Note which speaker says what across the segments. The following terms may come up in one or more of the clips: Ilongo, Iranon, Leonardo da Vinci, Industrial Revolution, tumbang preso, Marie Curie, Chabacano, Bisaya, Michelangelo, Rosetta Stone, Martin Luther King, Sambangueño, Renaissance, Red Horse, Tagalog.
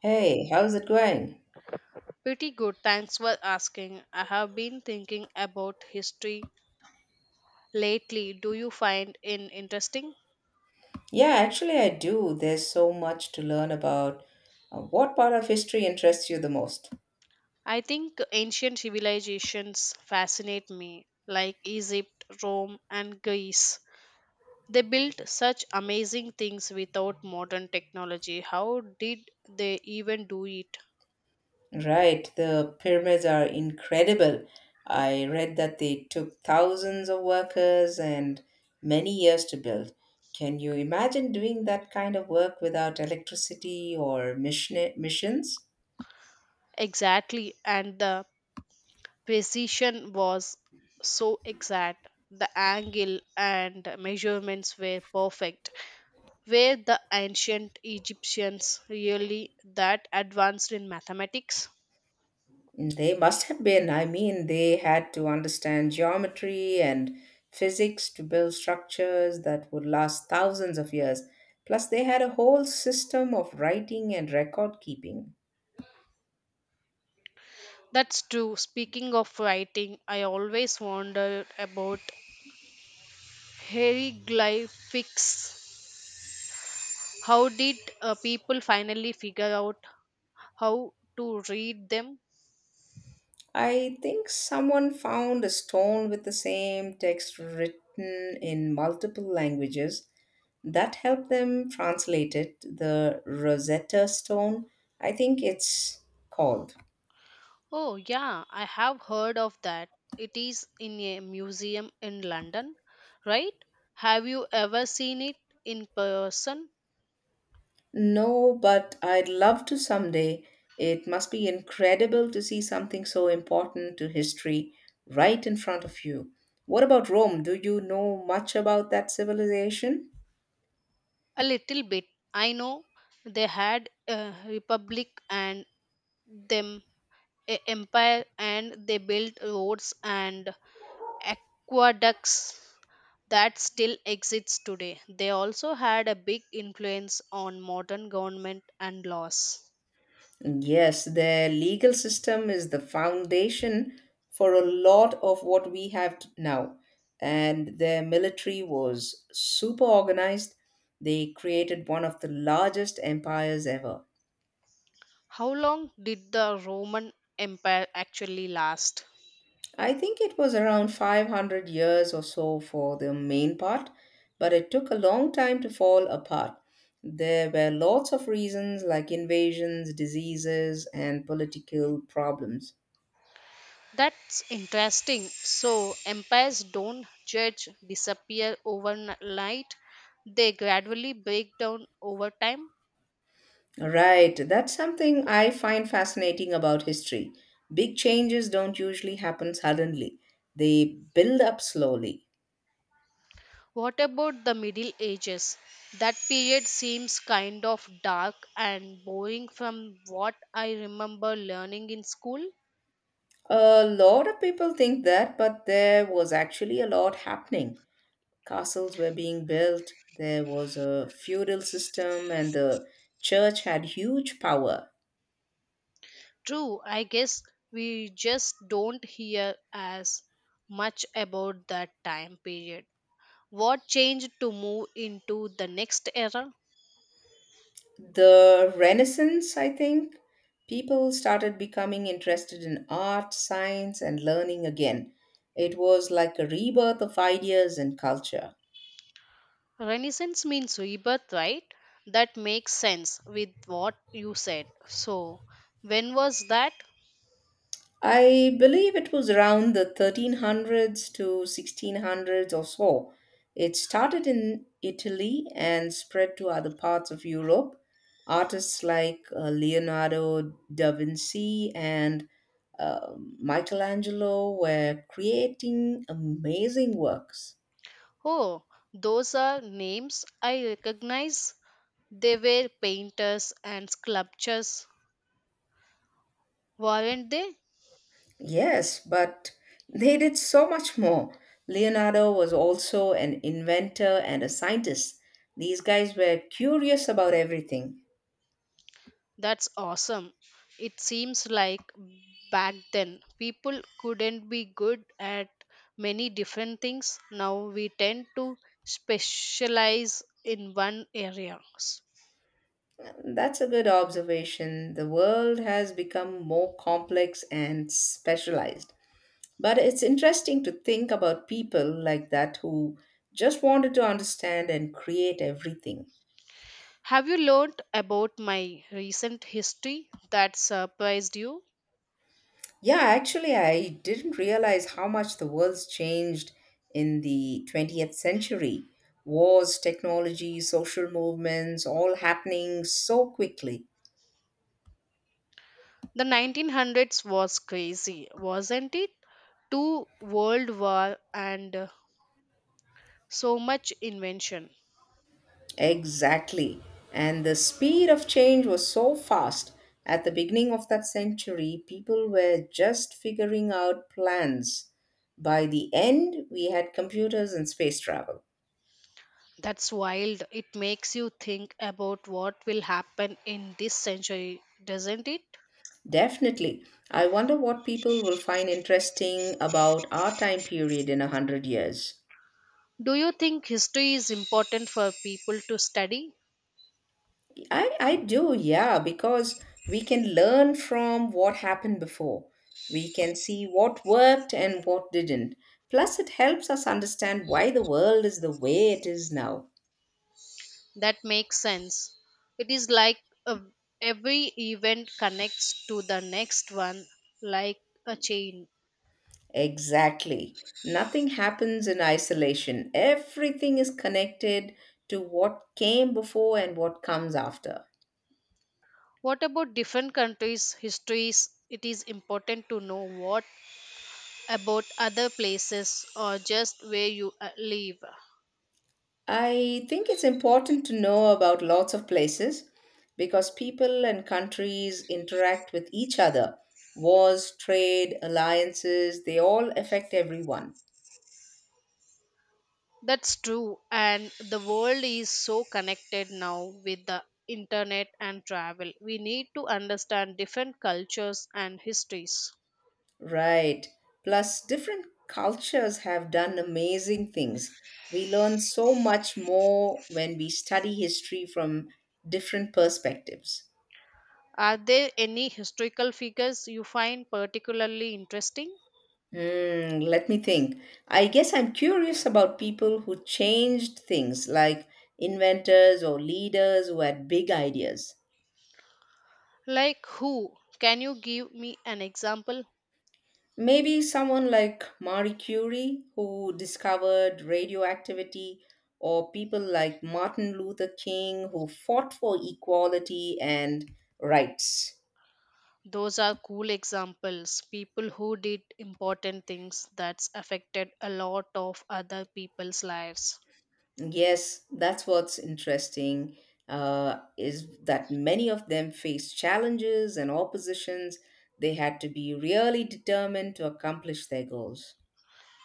Speaker 1: Hey, how's it going?
Speaker 2: Pretty good, thanks for asking. I have been thinking about history lately. Do you find it interesting?
Speaker 1: Yeah, actually, I do. There's so much to learn about. What part of history interests you the most?
Speaker 2: I think ancient civilizations fascinate me, like Egypt, Rome, and Greece. They built such amazing things without modern technology. How did they even do it?
Speaker 1: Right, the pyramids are incredible. I read that they took thousands of workers and many years to build. Can you imagine doing that kind of work without electricity or mission missions?
Speaker 2: Exactly, and the precision was so exact. The angle and measurements were perfect. Were the ancient Egyptians really that advanced in mathematics?
Speaker 1: They must have been. I mean, they had to understand geometry and physics to build structures that would last thousands of years. Plus, they had a whole system of writing and record keeping.
Speaker 2: That's true. Speaking of writing, I always wondered about hieroglyphics. How did people finally figure out how to read them?
Speaker 1: I think someone found a stone with the same text written in multiple languages. That helped them translate it, the Rosetta Stone, I think it's called.
Speaker 2: Oh, yeah, I have heard of that. It is in a museum in London, right? Have you ever seen it in person?
Speaker 1: No, but I'd love to someday. It must be incredible to see something so important to history right in front of you. What about Rome? Do you know much about that civilization?
Speaker 2: A little bit. I know they had a republic and them a empire and they built roads and aqueducts that still exists today. They also had a big influence on modern government and laws.
Speaker 1: Yes, their legal system is the foundation for a lot of what we have now. And their military was super organized. They created one of the largest empires ever.
Speaker 2: How long did the Roman Empire actually last?
Speaker 1: I think it was around 500 years or so for the main part, but it took a long time to fall apart. There were lots of reasons like invasions, diseases, and political problems.
Speaker 2: That's interesting. So, empires don't judge, disappear overnight, they gradually break down over time.
Speaker 1: Right, that's something I find fascinating about history. Big changes don't usually happen suddenly, they build up slowly.
Speaker 2: What about the Middle Ages? That period seems kind of dark and boring from what I remember learning in school.
Speaker 1: A lot of people think that, but there was actually a lot happening. Castles were being built, there was a feudal system, and the church had huge power.
Speaker 2: True, I guess we just don't hear as much about that time period. What changed to move into the next era?
Speaker 1: The Renaissance, I think, people started becoming interested in art, science, and learning again. It was like a rebirth of ideas and culture.
Speaker 2: Renaissance means rebirth, right? That makes sense with what you said. So, when was that?
Speaker 1: I believe it was around the 1300s to 1600s or so. It started in Italy and spread to other parts of Europe. Artists like Leonardo da Vinci and uh, Michelangelo were creating amazing works.
Speaker 2: Oh, those are names I recognize. They were painters and sculptors, weren't they?
Speaker 1: Yes, but they did so much more. Leonardo was also an inventor and a scientist. These guys were curious about everything.
Speaker 2: That's awesome. It seems like back then people couldn't be good at many different things. Now we tend to specialize in one area.
Speaker 1: That's a good observation. The world has become more complex and specialized. But it's interesting to think about people like that who just wanted to understand and create everything.
Speaker 2: Have you learned about my recent history that surprised you?
Speaker 1: Yeah, actually, I didn't realize how much the world's changed in the 20th century. Wars, technology, social movements, all happening so quickly.
Speaker 2: The 1900s was crazy, wasn't it? Two world war and so much invention.
Speaker 1: Exactly. And the speed of change was so fast. At the beginning of that century, people were just figuring out plans. By the end, we had computers and space travel.
Speaker 2: That's wild. It makes you think about what will happen in this century, doesn't it?
Speaker 1: Definitely. I wonder what people will find interesting about our time period in 100 years.
Speaker 2: Do you think history is important for people to study?
Speaker 1: I do, yeah, because we can learn from what happened before. We can see what worked and what didn't. Plus, it helps us understand why the world is the way it is now.
Speaker 2: That makes sense. It is like a, every event connects to the next one like a chain.
Speaker 1: Exactly. Nothing happens in isolation, everything is connected to what came before and what comes after.
Speaker 2: What about different countries' histories? It is important to know what about other places or just where you live.
Speaker 1: I think it's important to know about lots of places because people and countries interact with each other. Wars, trade, alliances, they all affect everyone.
Speaker 2: That's true, and the world is so connected now with the internet and travel. We need to understand different cultures and histories.
Speaker 1: Right. Plus, different cultures have done amazing things. We learn so much more when we study history from different perspectives.
Speaker 2: Are there any historical figures you find particularly interesting?
Speaker 1: Hmm, let me think. I guess I'm curious about people who changed things, like inventors or leaders who had big ideas.
Speaker 2: Like who? Can you give me an example?
Speaker 1: Maybe someone like Marie Curie, who discovered radioactivity, or people like Martin Luther King, who fought for equality and rights.
Speaker 2: Those are cool examples. People who did important things that's affected a lot of other people's lives.
Speaker 1: Yes, that's what's interesting is that many of them faced challenges and oppositions. They had to be really determined to accomplish their goals.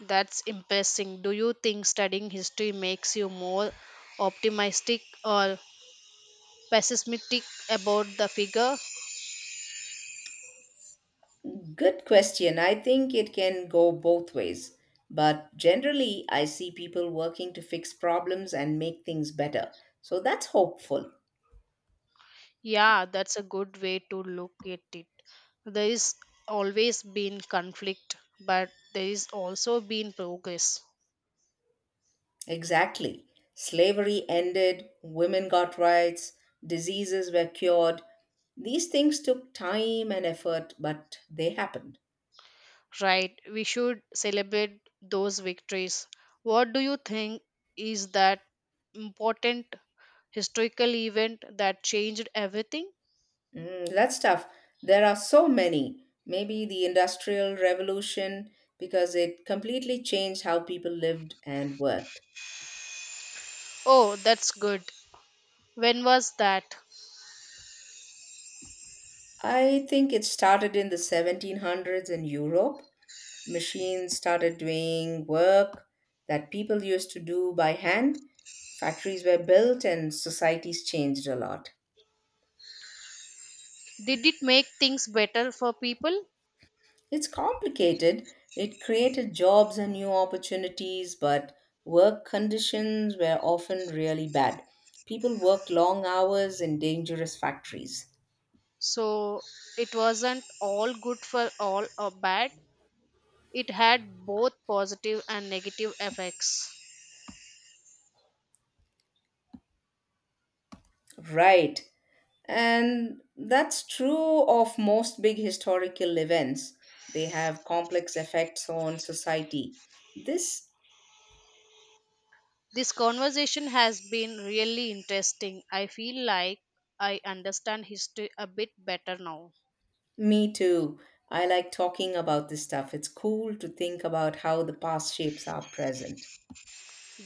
Speaker 2: That's impressing. Do you think studying history makes you more optimistic or pessimistic about the figure?
Speaker 1: Good question. I think it can go both ways. But generally, I see people working to fix problems and make things better. So that's hopeful.
Speaker 2: Yeah, that's a good way to look at it. There is always been conflict, but there is also been progress.
Speaker 1: Exactly. Slavery ended, women got rights, diseases were cured. These things took time and effort, but they happened.
Speaker 2: Right, we should celebrate those victories. What do you think is that important historical event that changed everything?
Speaker 1: Mm, that's tough. There are so many. Maybe the Industrial Revolution, because it completely changed how people lived and worked.
Speaker 2: Oh, that's good. When was that?
Speaker 1: I think it started in the 1700s in Europe. Machines started doing work that people used to do by hand. Factories were built and societies changed a lot.
Speaker 2: Did it make things better for people?
Speaker 1: It's complicated. It created jobs and new opportunities, but work conditions were often really bad. People worked long hours in dangerous factories.
Speaker 2: So it wasn't all good for all or bad. It had both positive and negative effects.
Speaker 1: Right. And that's true of most big historical events. They have complex effects on society. This.
Speaker 2: This conversation has been really interesting. I feel like I understand history a bit better now.
Speaker 1: Me too. I like talking about this stuff. It's cool to think about how the past shapes our present.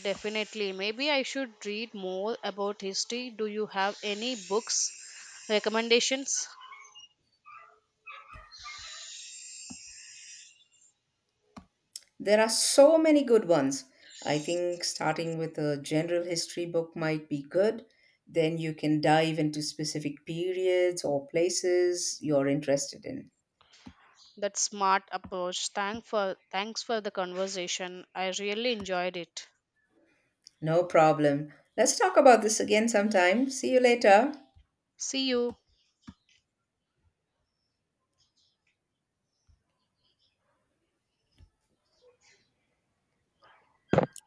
Speaker 2: Definitely. Maybe I should read more about history. Do you have any books recommendations?
Speaker 1: There are so many good ones. I think starting with a general history book might be good. Then you can dive into specific periods or places you're interested in.
Speaker 2: That smart approach. Thanks for the conversation. I really enjoyed it.
Speaker 1: No problem. Let's talk about this again sometime. See you later.
Speaker 2: See you.